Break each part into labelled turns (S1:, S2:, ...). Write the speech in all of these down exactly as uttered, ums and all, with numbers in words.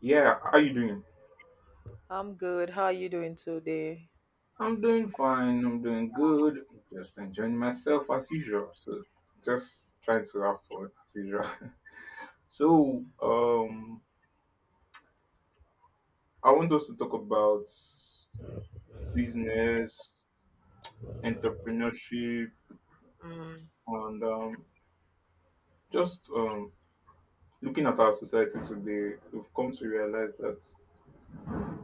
S1: Yeah, how you doing?
S2: I'm good. How are you doing today?
S1: I'm doing fine. I'm doing good. Just enjoying myself as usual. So just trying to have fun as usual. So um, I want us to talk about business, entrepreneurship,
S2: Mm,
S1: and um, just um, looking at our society today. We've come to realize that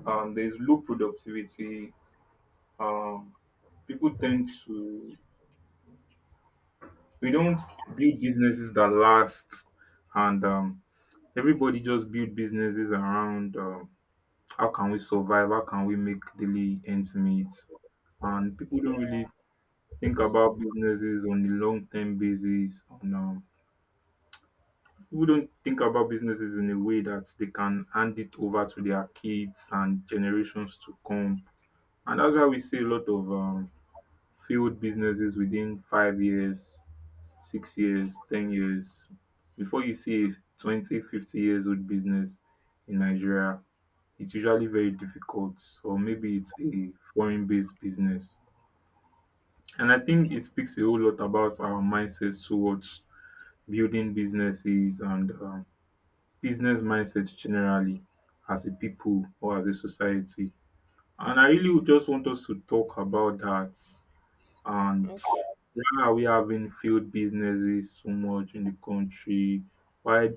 S1: um, there's low productivity. Um, people tend to we don't build businesses that last, and um, everybody just build businesses around um how can we survive, how can we make daily ends meet, and people don't really think about businesses on a long-term basis, on um, people don't think about businesses in a way that they can hand it over to their kids and generations to come. And that's why we see a lot of um, failed businesses within five years, six years, ten years. Before you see a twenty, fifty years old business in Nigeria, it's usually very difficult, or maybe it's a foreign based business. And I think it speaks a whole lot about our mindsets towards building businesses, and um, business mindsets generally, as a people or as a society. And I really would just want us to talk about that. And
S2: okay.
S1: why are we having failed businesses so much in the country? Why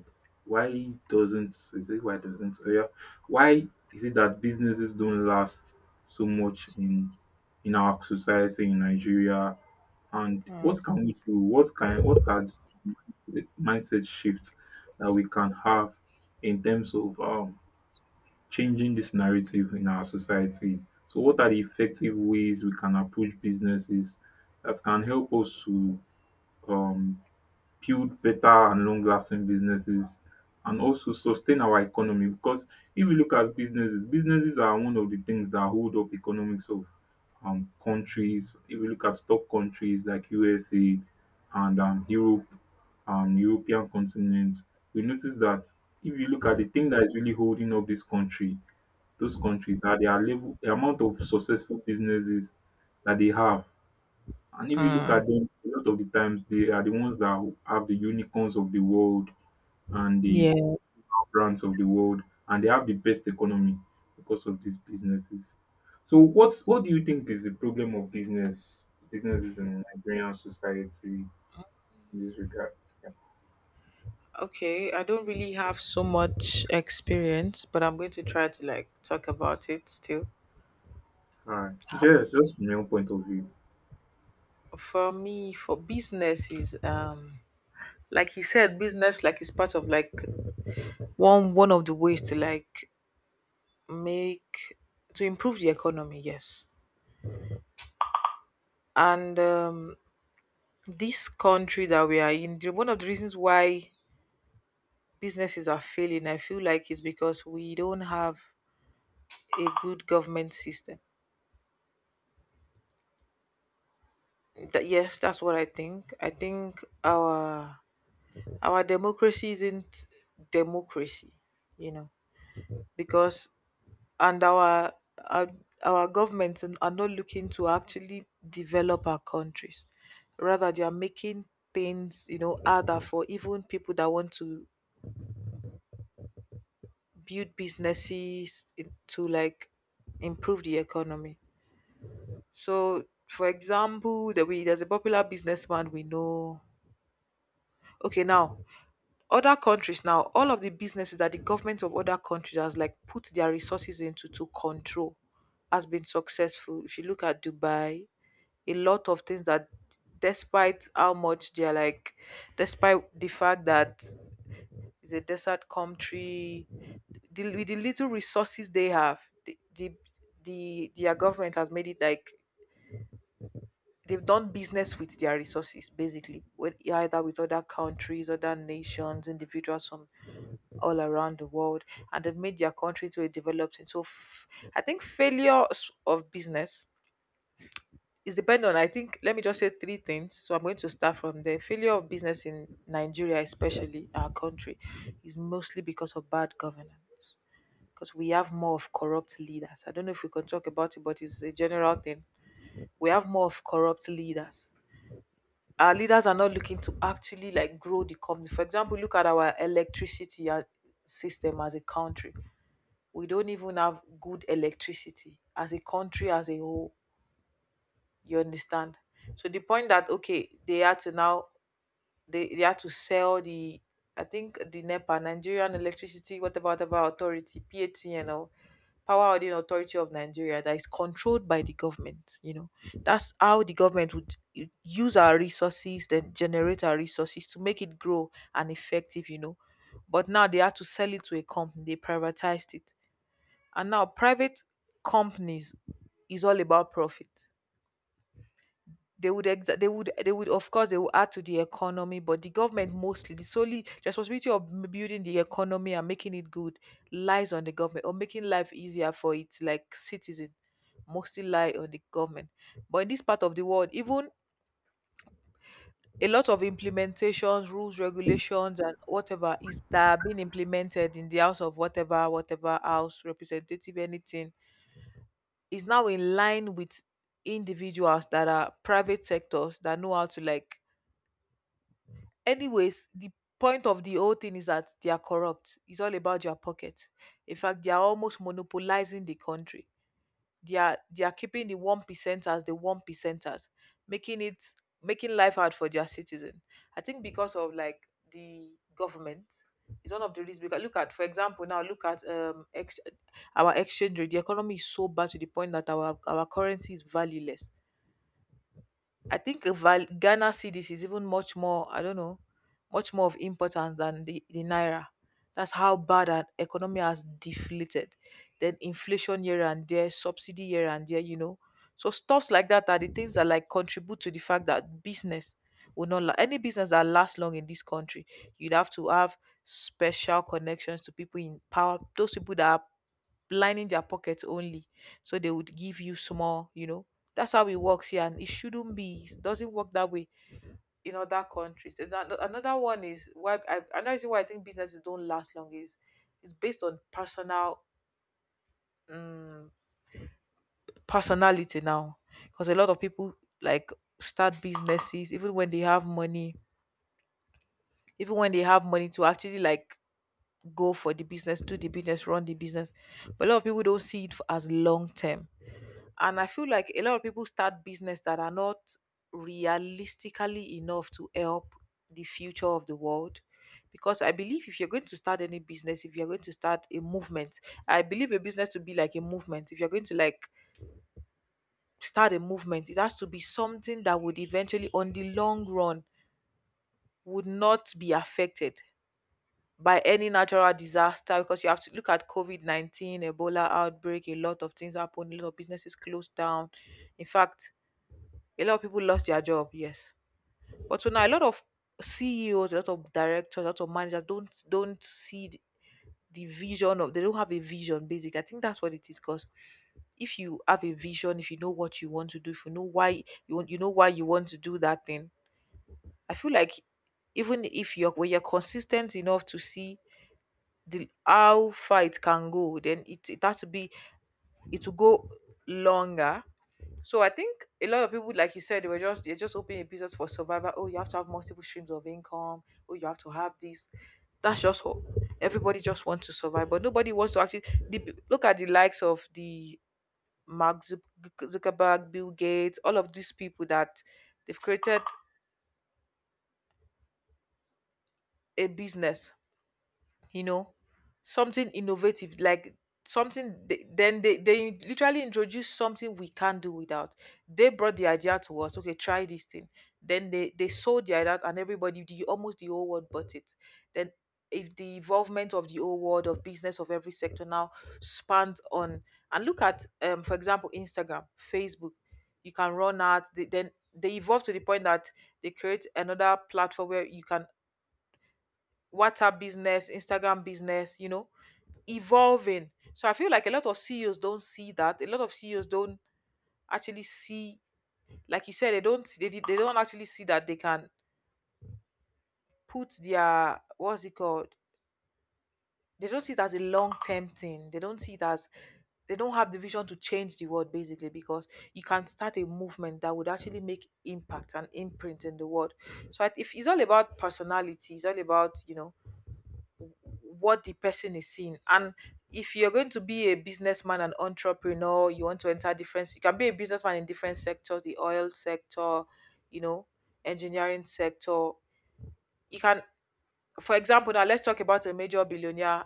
S1: why doesn't is it why doesn't oh yeah, Why is it that businesses don't last so much in in our society in Nigeria? And
S2: Mm,
S1: what can we do? What can what are the mindset mindset shifts that we can have in terms of um changing this narrative in our society? So what are the effective ways we can approach businesses that can help us to um, build better and long lasting businesses and also sustain our economy? Because if you look at businesses, businesses are one of the things that hold up economics of um, countries. If you look at top countries like U S A and um, Europe, um, European continent, we notice that if you look at the thing that is really holding up this country those countries, are their level, the amount of successful businesses that they have. And if you look
S2: mm,
S1: at them, a lot of the times they are the ones that have the unicorns of the world and the
S2: yeah.
S1: brands of the world, and they have the best economy because of these businesses. So what's what do you think is the problem of business businesses in Nigerian society in this regard? Yeah.
S2: Okay. I don't really have so much experience, but I'm going to try to like talk about it still.
S1: All right. So just just from your point of view.
S2: For me, for business is um like you said, business like is part of like one one of the ways to like make to improve the economy. Yes, and um, this country that we are in, the- one of the reasons why businesses are failing, I feel like it's because we don't have a good government system. That, yes, that's what I think. I think our our democracy isn't democracy, you know, because and our our, our governments are not looking to actually develop our countries. Rather, they are making things, you know, harder for even people that want to build businesses in- to like improve the economy. So, for example, there we there's a popular businessman we know. Okay, now other countries, now all of the businesses that the government of other countries has like put their resources into to control has been successful. If you look at Dubai, a lot of things that despite how much they're like, despite the fact that it's a desert country, the, with the little resources they have, the, the the their government has made it like they've done business with their resources, basically, with either with other countries, other nations, individuals from all around the world, and they've made their country to a developed, and so f- I think failure s- of business is dependent on, I think, let me just say three things. So I'm going to start from the failure of business in Nigeria, especially our country, is mostly because of bad governance, because we have more of corrupt leaders. I don't know if we can talk about it, but it's a general thing. We have more of corrupt leaders. Our leaders are not looking to actually like grow the company. For example, look at our electricity uh, system as a country. We don't even have good electricity as a country as a whole. You understand? So the point that, okay, they are to now, they they had to sell the, I think, the NEPA, Nigerian Electricity, whatever whatever authority, PAT, you know, Power Holding Authority of Nigeria, that is controlled by the government. You know, that's how the government would u- use our resources, then generate our resources to make it grow and effective. You know, but now they had to sell it to a company. They privatized it, and now private companies is all about profit. They would exa- they would they would of course, they will add to the economy, but the government mostly, the solely responsibility of m- building the economy and making it good lies on the government, or making life easier for its like citizen mostly lie on the government. But in this part of the world, even a lot of implementations, rules, regulations, and whatever is that are being implemented in the house of whatever whatever house representative, anything, is now in line with individuals that are private sectors that know how to like, anyways, the point of the whole thing is that they are corrupt. It's all about your pocket. In fact, they are almost monopolizing the country. They are they are keeping the one percenters, the one percenters, making it making life hard for their citizen. I think because of like the government is one of the reasons. Because look at, for example, now look at um ex- our exchange rate, the economy is so bad to the point that our our currency is valueless. I think a val- Ghana cedis is even much more, I don't know, much more of importance than the, the naira. That's how bad our economy has deflated. Then inflation here and there, subsidy here and there, you know. So stuffs like that are the things that like contribute to the fact that business will not la- any business that lasts long in this country. You'd have to have special connections to people in power, those people that are lining their pockets only, so they would give you small, you know That's how it works here, and it shouldn't be. It doesn't work that way in other countries. And ano- another one is why I, another reason why I think businesses don't last long is it's based on personal um, personality now, because a lot of people like start businesses even when they have money, even when they have money to actually like go for the business, do the business, run the business. But a lot of people don't see it for as long term. And I feel like a lot of people start business that are not realistically enough to help the future of the world. Because I believe if you're going to start any business, if you're going to start a movement, I believe a business to be like a movement. If you're going to like start a movement, it has to be something that would eventually, on the long run, would not be affected by any natural disaster. Because you have to look at COVID nineteen, Ebola outbreak, a lot of things happen, a lot of businesses closed down. In fact, a lot of people lost their job, yes. But so now, a lot of C E Os, a lot of directors, a lot of managers don't don't see the, the vision of, they don't have a vision, basically. I think that's what it is, because if you have a vision, if you know what you want to do, if you know why you want you know why you want to do that thing, I feel like even if you're when you're consistent enough to see the how far it can go, then it, it has to be, it will go longer. So I think a lot of people, like you said, they were just they're just opening a business for survival. Oh, you have to have multiple streams of income. Oh, you have to have this. That's just hope. Everybody just wants to survive, but nobody wants to actually the, look at the likes of the Mark Zuc- Zuckerberg, Bill Gates, all of these people that they've created a business, you know, something innovative, like something they, then they they literally introduce something we can't do without. They brought the idea to us, okay, try this thing, then they they sold the idea out, and everybody, the almost the whole world, bought it. Then if the involvement of the whole world of business of every sector now spans on, and look at, um for example, Instagram, Facebook, you can run ads. they, then they evolve to the point that they create another platform where you can WhatsApp business, Instagram business, you know, evolving. So I feel like a lot of C E Os don't see that. A lot of C E Os don't actually see, like you said, they don't they, did- they don't actually see that they can put their, what's it called? They don't see it as a long term thing. They don't see it as they don't have the vision to change the world, basically, because you can start a movement that would actually make impact and imprint in the world. So I- if it's all about personality, it's all about, you know, what the person is seeing. And if you're going to be a businessman and entrepreneur, you want to enter different, you can be a businessman in different sectors, the oil sector, you know, engineering sector. You can, for example, now let's talk about a major billionaire.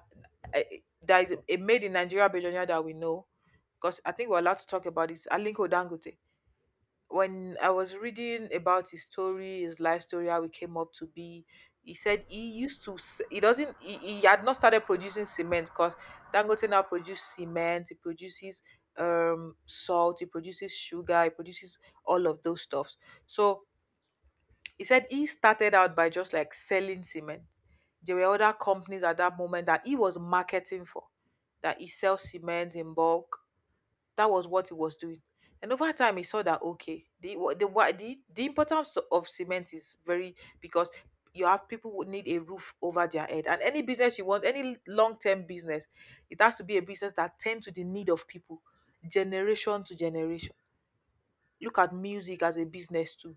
S2: Eh, There is a made in Nigeria billionaire that we know, because I think we're allowed to talk about this, Alinko Dangote. When I was reading about his story, his life story, how he came up to be, he said he used to, s- he doesn't, he, he had not started producing cement, because Dangote now produces cement, he produces um salt, he produces sugar, he produces all of those stuffs. So he said he started out by just like selling cement. There were other companies at that moment that he was marketing for, that he sells cement in bulk, that was what he was doing. And over time, he saw that, okay, the wa- the wa- the, the importance of cement is very, because you have people who need a roof over their head, and any business you want, any long term business, it has to be a business that tend to the need of people, generation to generation. Look at music as a business too.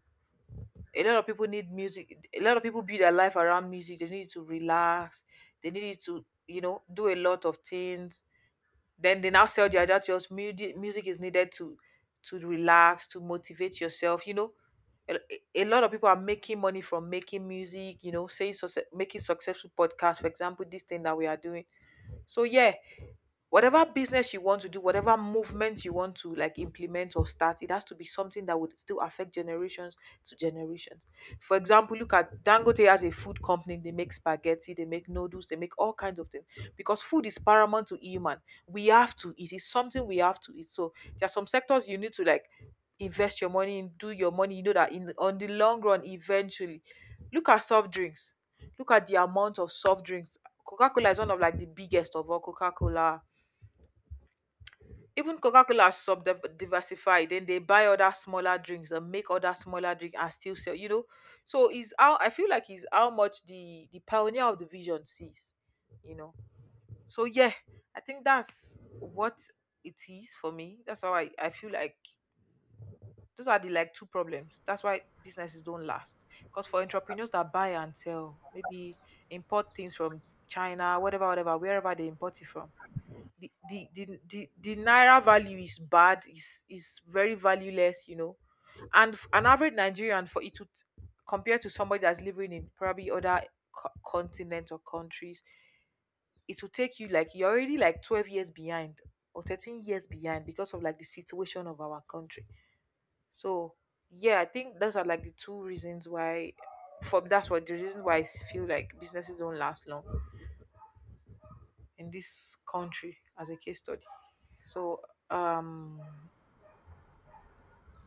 S2: A lot of people need music. A lot of people build their life around music. They need to relax. They need to you know do a lot of things, then they now sell their adagio as music music is needed to to relax, to motivate yourself, you know. A a lot of people are making money from making music, you know, saying success, making successful podcasts, for example, this thing that we are doing. So yeah, whatever business you want to do, whatever movement you want to like implement or start, it has to be something that would still affect generations to generations. For example, look at Dangote as a food company. They make spaghetti, they make noodles, they make all kinds of things because food is paramount to human. We have to eat. It's something we have to eat. So there are some sectors you need to like invest your money in, do your money. You know that in on the long run, eventually, look at soft drinks. Look at the amount of soft drinks. Coca Cola is one of like the biggest of all. Coca Cola, even coca-cola has sub diversified, then they buy other smaller drinks and make other smaller drink and still sell you know So is how I feel like is how much the the pioneer of the vision sees you know so yeah, I think that's what it is for me. That's how i, I feel like those are the like two problems. That's why businesses don't last, because for entrepreneurs that buy and sell, maybe import things from china, whatever whatever wherever they import it from, the the the, the, the naira value is bad, is is very valueless you know And f- an average nigerian, for it to t- compare to somebody that's living in probably other co- continent or countries, it will take you like you're already like twelve years behind or thirteen years behind because of like the situation of our country. So yeah, I think those are like the two reasons why, for that's what the reason why i s- feel like businesses don't last long in this country as a case study. So um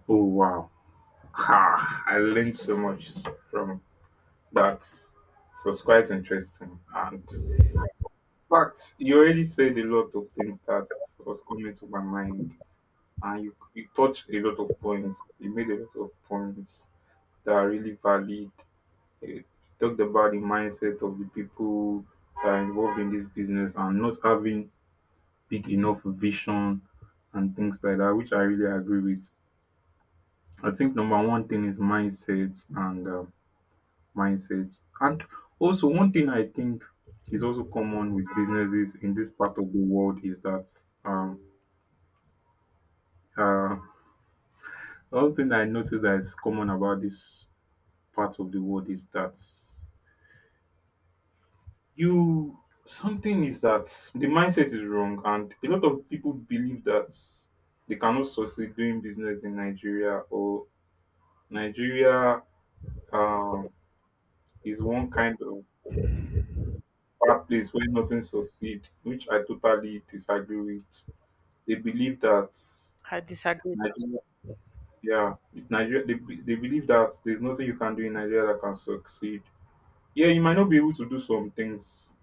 S1: Oh wow! Ha! I learned so much from That was quite interesting. And but you already said a lot of things that was coming to my mind, and you you touched a lot of points. You made a lot of points that are really valid. You talked about the mindset of the people that are involved in this business and not having big enough vision and things like that, which I really agree with. I think number one thing is mindset and um, mindset. And also, one thing I think is also common with businesses in this part of the world is that um, uh, one thing I noticed that is common about this part of the world is that you something is that the mindset is wrong, and a lot of people believe that they cannot succeed doing business in Nigeria. Or Nigeria um, is one kind of bad place where nothing succeed, which I totally disagree with. They believe that
S2: I disagree.
S1: Nigeria, yeah, Nigeria. They, be- they believe that there's nothing you can do in Nigeria that can succeed. Yeah, you might not be able to do some things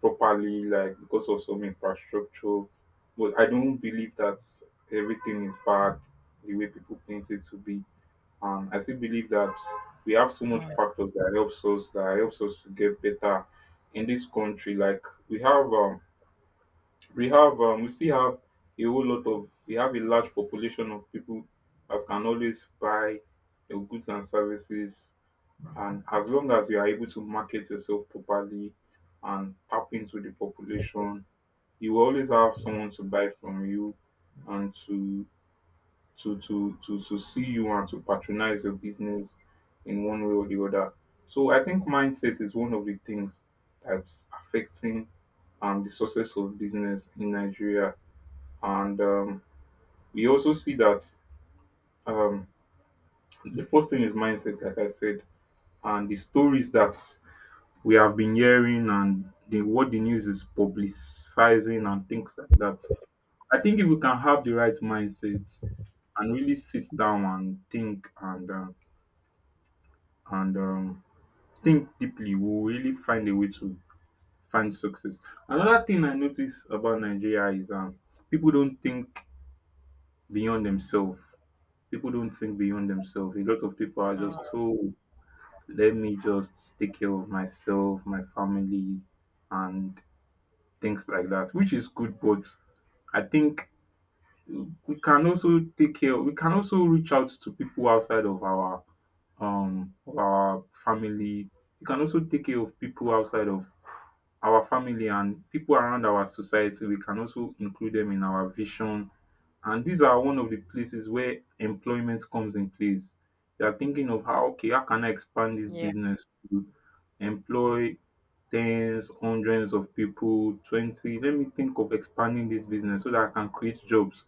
S1: properly, like because of some infrastructure. But I don't believe that everything is bad the way people paint it to be. Um, I still believe that we have so much
S2: Mm,
S1: factors that helps us that helps us to get better in this country. Like we have um, we have um, we still have a whole lot of we have a large population of people that can always buy your goods and services, and as long as you are able to market yourself properly and tap into the population, you will always have someone to buy from you and to to to to, to see you and to patronize your business in one way or the other. So I think mindset is one of the things that's affecting um, the success of business in Nigeria. And um, We also see that, um, the first thing is mindset, like I said, and the stories that we have been hearing, and the, what the news is publicizing and things like that. I think if we can have the right mindset and really sit down and think, and uh, and um, think deeply, we will really find a way to find success. Another thing I notice about Nigeria is, um, people don't think beyond themselves. People don't think beyond themselves. A lot of people are just, oh, let me just take care of myself, my family, and things like that, which is good. But I think we can also take care, we can also reach out to people outside of our um of our family. We can also take care of people outside of our family and people around our society. We can also include them in our vision, and these are one of the places where employment comes in place. You are thinking of, how, okay, how can I expand this
S2: yeah,
S1: business to employ tens, hundreds of people, twenty. Let me think of expanding this business so that I can create jobs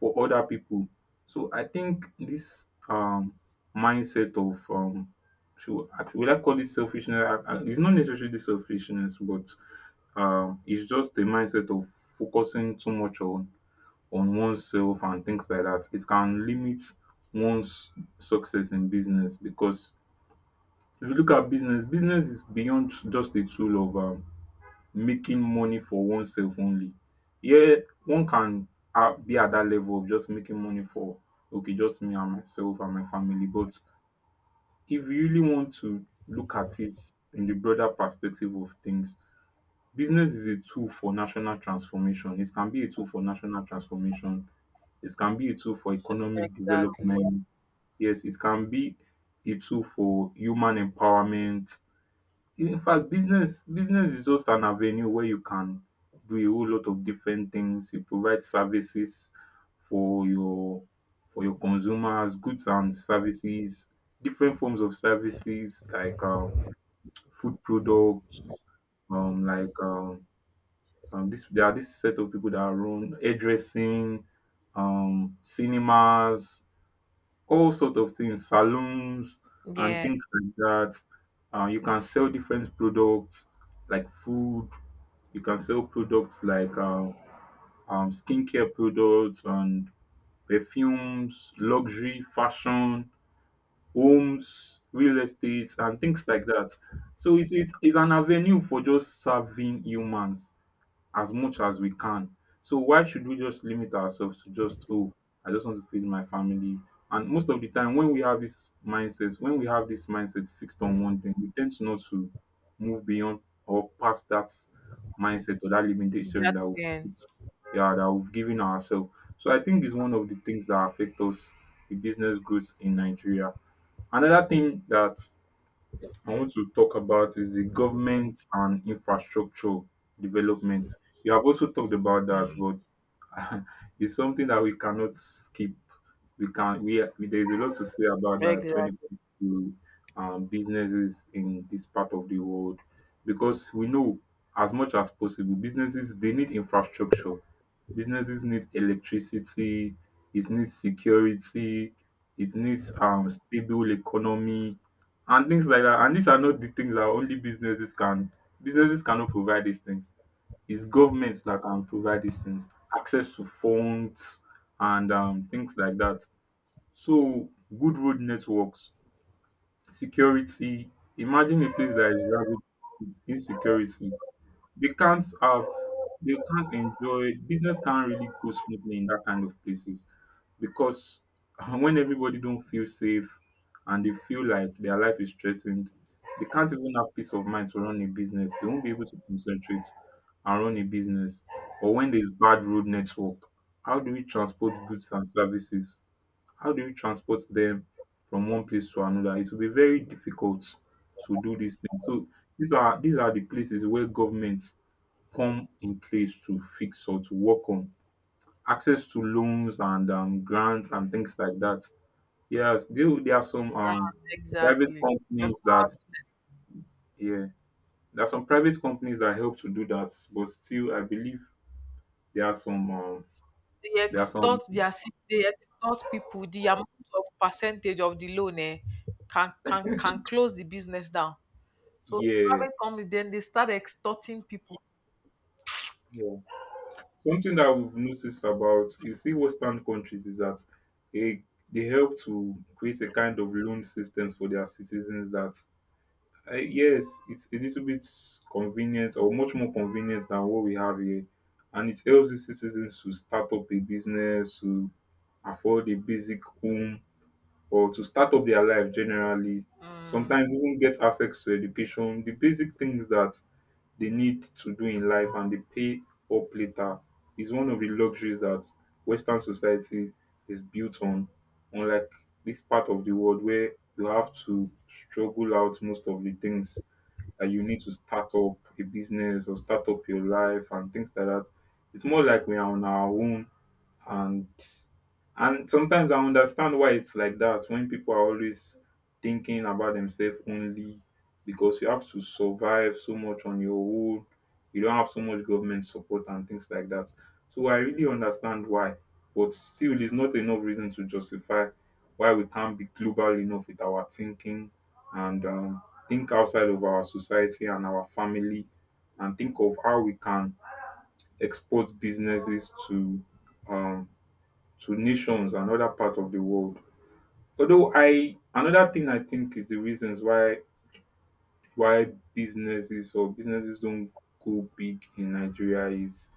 S1: for other people. So I think this um mindset of um should, will I call it selfishness? I- I- It's not necessarily selfishness, but um it's just a mindset of focusing too much on on oneself, and things like that. It can limit one's success in business, because if you look at business, business is beyond just the tool of, um, making money for oneself only. Yeah, one can uh, be at that level of just making money for, okay, just me and myself and my family. But if you really want to look at it in the broader perspective of things, business is a tool for national transformation. It can be a tool for national transformation, it can be a tool for economic
S2: exactly.
S1: development. Yes, it can be a tool for human empowerment. In fact, business business is just an avenue where you can do a whole lot of different things. You provide services for your for your consumers, goods and services, different forms of services, like um, food products, um, like um, um, this there are this set of people that run hairdressing, um, cinemas, all sort of things, salons and
S2: Yeah,
S1: things like that. Uh, you can sell different products like food. You can sell products like uh, um, skincare products and perfumes, luxury, fashion, homes, real estates, and things like that. So it's, it's, it's an avenue for just serving humans as much as we can. So why should we just limit ourselves to just, oh, I just want to feed my family? And most of the time, when we have this mindset, when we have this mindset fixed on one thing, we tend to not to move beyond or past that mindset or that limitation that we've
S2: exactly.
S1: put, yeah, that we've given ourselves. So I think it's one of the things that affect us, the business growth in Nigeria. Another thing that I want to talk about is the government and infrastructure development. You have also talked about that, but it's something that we cannot skip. We can we, we There is a lot to say about that when it
S2: Exactly.
S1: comes to um, businesses in this part of the world, because we know as much as possible businesses they need infrastructure. Businesses need electricity, it needs security, it needs um stable economy and things like that. And these are not the things that only businesses can businesses cannot provide these things. It's governments that can provide these things. Access to funds and um things like that. So good road networks, security. Imagine a place that is ragged with insecurity. they can't have they can't enjoy business, can't really go smoothly in that kind of places, because when everybody don't feel safe and they feel like their life is threatened, they can't even have peace of mind to run a business. They won't be able to concentrate and run a business. Or when there's bad road network, how do we transport goods and services? How do we transport them from one place to another? It will be very difficult to do these things. So these are these are the places where governments come in place to fix or to work on. Access to loans and um, grants and things like that. Yes, there, there are some
S2: Ah,
S1: um, private
S2: exactly. Um,
S1: companies that, yeah, there are some private companies that help to do that. But still, I believe there are some, um,
S2: They
S1: there are some,
S2: extort their si- they extort people. The amount of percentage of the loan eh, can can can close the business down. So
S1: yes,
S2: private company then they start extorting people.
S1: yeah. Something that we've noticed about, you see, Western countries is that they, they help to create a kind of loan systems for their citizens that Uh, yes, it's a little bit convenient or much more convenient than what we have here. And it helps the citizens to start up a business, to afford a basic home, or to start up their life generally.
S2: Mm,
S1: Sometimes even get access to education, the basic things that they need to do in life and they pay up later is one of the luxuries that Western society is built on, unlike this part of the world where you have to struggle out most of the things that you need to start up a business or start up your life and things like that. It's more like we are on our own, and and sometimes I understand why it's like that when people are always thinking about themselves only because you have to survive so much on your own. You don't have so much government support and things like that. So I really understand why. But still, it's not enough reason to justify why we can't be global enough with our thinking and um, think outside of our society and our family and think of how we can export businesses to um, to nations and other parts of the world. Although I Another thing I think is the reasons why why businesses or businesses don't go big in Nigeria is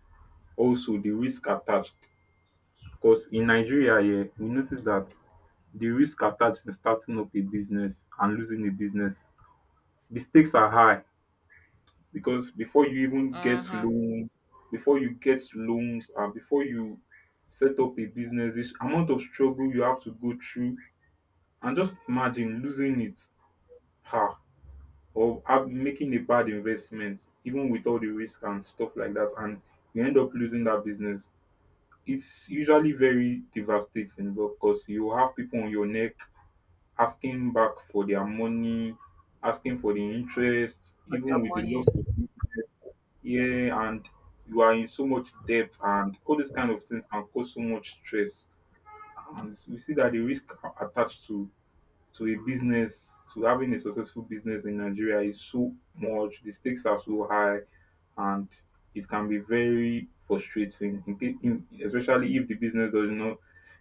S1: also the risk attached, because in Nigeria, yeah, we notice that the risk attached in starting up a business and losing a business, the stakes are high because before you even get
S2: hmm.
S1: loan, before you get loans and before you set up a business, di amount of struggle you have to go through. And just imagine losing it, ah, or have, making a bad investment, even with all the risk and stuff like that, and you end up losing that business. It's usually very devastating because you have people on your neck asking back for their money, asking for the interest,
S2: For their
S1: even with the
S2: money.
S1: loss of, yeah, and you are in so much debt, and all these kind of things can cause so much stress. And we see that the risk attached to to a business, to having a successful business in Nigeria is so much. The stakes are so high, and it can be very frustrating, in, in, especially if the business does not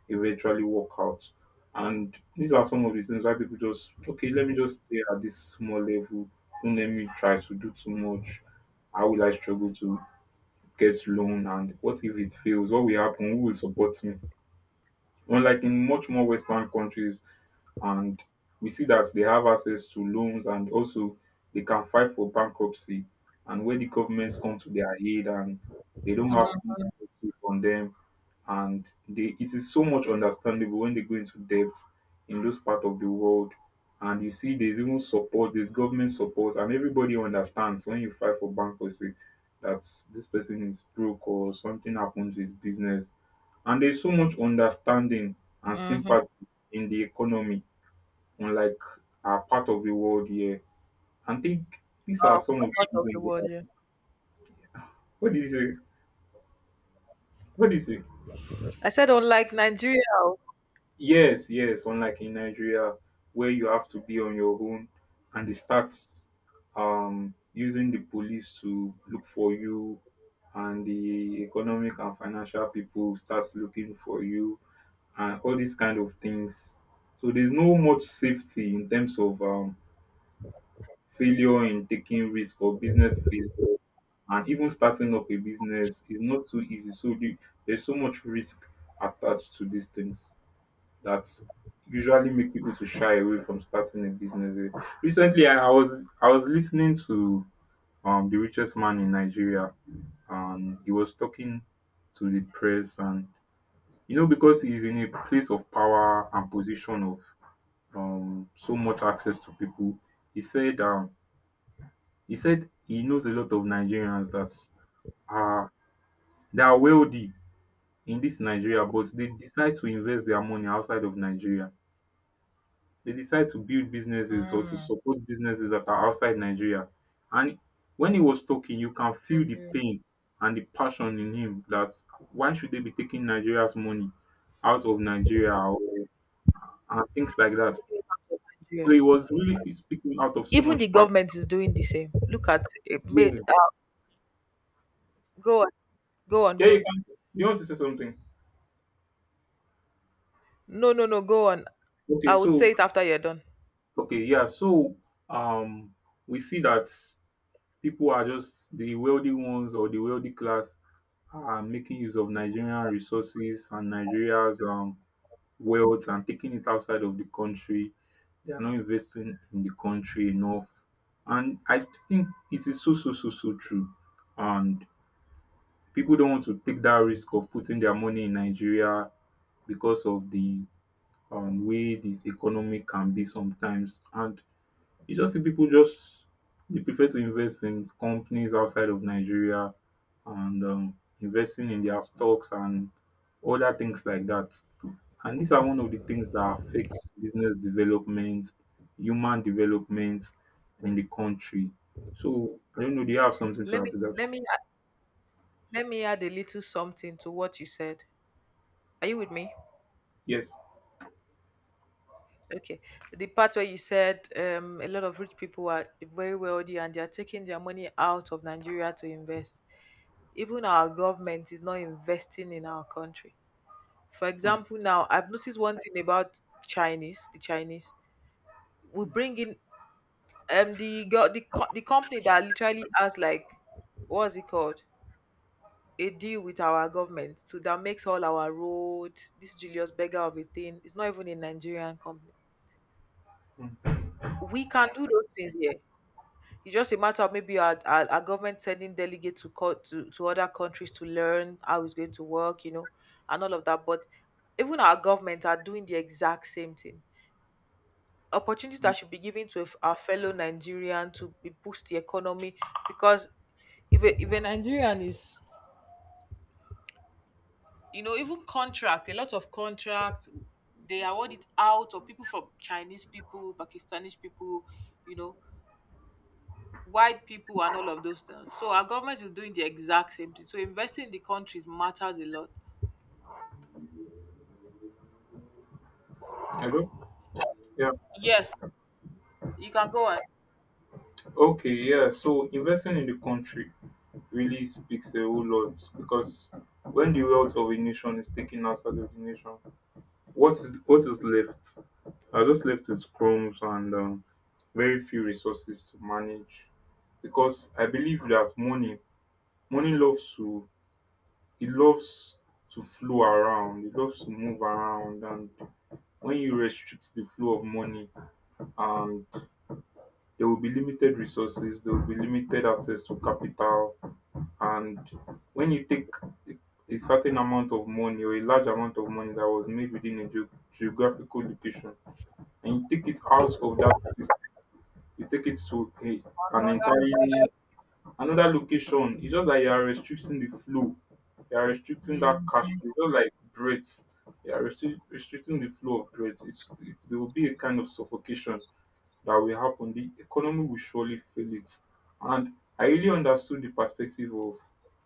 S1: eventually work out. And these are some of the things why people just okay, let me just stay at this small level. Don't let me try to do too much. How will I struggle to get loan? And what if it fails? What will happen? Who will support me? Unlike in much more Western countries, and we see that they have access to loans and also they can fight for bankruptcy, and when the governments come to their aid and they don't have so much pressure on them, and they it is so much understandable when they go into debt in those part of the world, and you see there's even support, there's government support, and everybody understands when you fight for bankruptcy that this person is broke or something happened to his business, and there's so much understanding and
S2: Mm-hmm.
S1: sympathy in the economy, unlike our part of the world here. And think these are
S2: Uh,
S1: some of the
S2: Part of the
S1: reasons
S2: world,
S1: why.
S2: yeah.
S1: What is it? What is it?
S2: I said unlike Nigeria. Oh.
S1: Yes, yes. Unlike in Nigeria, where you have to be on your own, and they start um, using the police to look for you, and the economic and financial people starts looking for you, and all these kind of things. So there's no much safety in terms of um, failure in taking risk or business failure, and even starting up a business is not so easy so the- there's so much risk attached to these things that usually make people to shy away from starting a business. Recently i, I was i was listening to um the richest man in Nigeria and he was talking to the press. And you know, because he's in a place of power and position of um so much access to people, he said um he said he knows a lot of Nigerians that are they are wealthy in this Nigeria, but they decide to invest their money outside of Nigeria. They decide to build businesses or to
S2: Mm,
S1: support businesses that are outside Nigeria. And when he was talking, you can feel the
S2: Nigeria.
S1: pain and the passion in him that why should they be taking Nigeria's money out of Nigeria or and things like that. So
S2: Nigeria.
S1: he was really speaking out of so
S2: Even
S1: much
S2: the
S1: passion.
S2: government is doing the same. Look at it
S1: Yeah.
S2: made uh, go on, go on,
S1: Yeah,
S2: go
S1: you
S2: on.
S1: can you want to say something?
S2: No, no, no, go on.
S1: Okay,
S2: I would
S1: so
S2: say it after you're done.
S1: okay, yeah. So um we see that people are just the wealthy ones or the wealthy class are making use of Nigerian resources and Nigeria's um, wealth and taking it outside of the country. They are not investing in the country enough. And I think it is so, so, so, so true. And people don't want to take that risk of putting their money in Nigeria because of the um, way the economy can be sometimes. And you just see people just they prefer to invest in companies outside of Nigeria and um, investing in their stocks and other things like that. And these are one of the things that affects business development, human development in the country. So I don't know. Do you have something to
S2: Let
S1: add
S2: me
S1: to that?
S2: let me add- let me add a little something to what you said. Are you with me?
S1: Yes.
S2: Okay. The part where you said um, a lot of rich people are very wealthy and they are taking their money out of Nigeria to invest. Even our government is not investing in our country. For
S1: Mm,
S2: example, now I've noticed one thing about Chinese, the Chinese. We bring in um the go the co- the company that literally has like what's it called a deal with our government, so that makes all our road, this Julius Berger of a thing, it's not even a Nigerian company.
S1: mm,
S2: We can do those things here. It's just a matter of maybe our, our, our government sending delegates to co- to to other countries to learn how it's going to work you know And all of that, but even our government are doing the exact same thing. Opportunities that
S1: mm.
S2: should be given to our fellow Nigerian to be boost the economy, because if a, if a Nigerian is, you know, even contract, a lot of contracts, they award it out of people from Chinese people, Pakistani people, you know, white people and all of those things. So our government is doing the exact same thing. So investing in the countries matters a lot.
S1: I don't. Yeah.
S2: Yes, you can go on
S1: Okay. Yeah. So investing in the country really speaks a whole lot because when the wealth of a nation is taken outside of the nation, what is what is left? Are just left with crumbs and um, very few resources to manage. Because I believe that money, money loves to, it loves to flow around. It loves to move around, and when you restrict the flow of money, and there will be limited resources, there will be limited access to capital. And when you take a a certain amount of money or a large amount of money that was made within a geo- geographical location and you take it out of that system, you take it to a, an
S2: another
S1: entirely
S2: location.
S1: another location, it's just that you are restricting the flow, you are restricting that cash flow. Just like breath, you are restric- restricting the flow of breath. It's, it, there will be a kind of suffocation that will happen, the economy will surely fail it. And I really understood the perspective of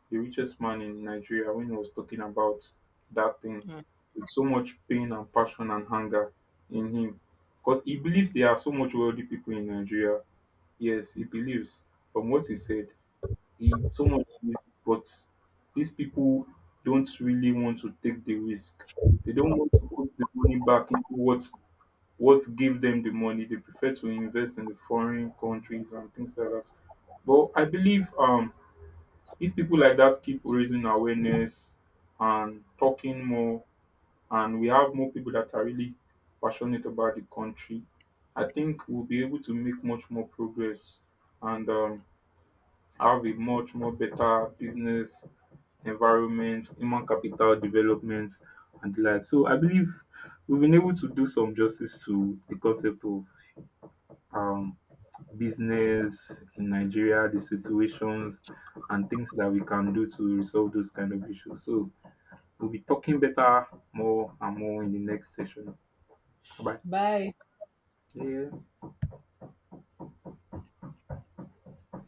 S1: the richest man in Nigeria when he was talking about that thing
S2: Mm.
S1: with so much pain and passion and hunger in him. Because he believes there are so much wealthy people in Nigeria. Yes, he believes from what he said, he so much believes, but these people don't really want to take the risk. They don't want to put the money back into what what gave them the money. They prefer to invest in the foreign countries and things like that. But I believe um, if people like that keep raising awareness and talking more, and we have more people that are really passionate about the country, I think we'll be able to make much more progress and um, have a much more better business environment, human capital development, and the like. So I believe we've been able to do some justice to the concept of um, business in Nigeria, the situations and things that we can do to resolve those kind of issues. So we'll be talking better more and more in the next session. Bye.
S2: Bye.
S1: Yeah.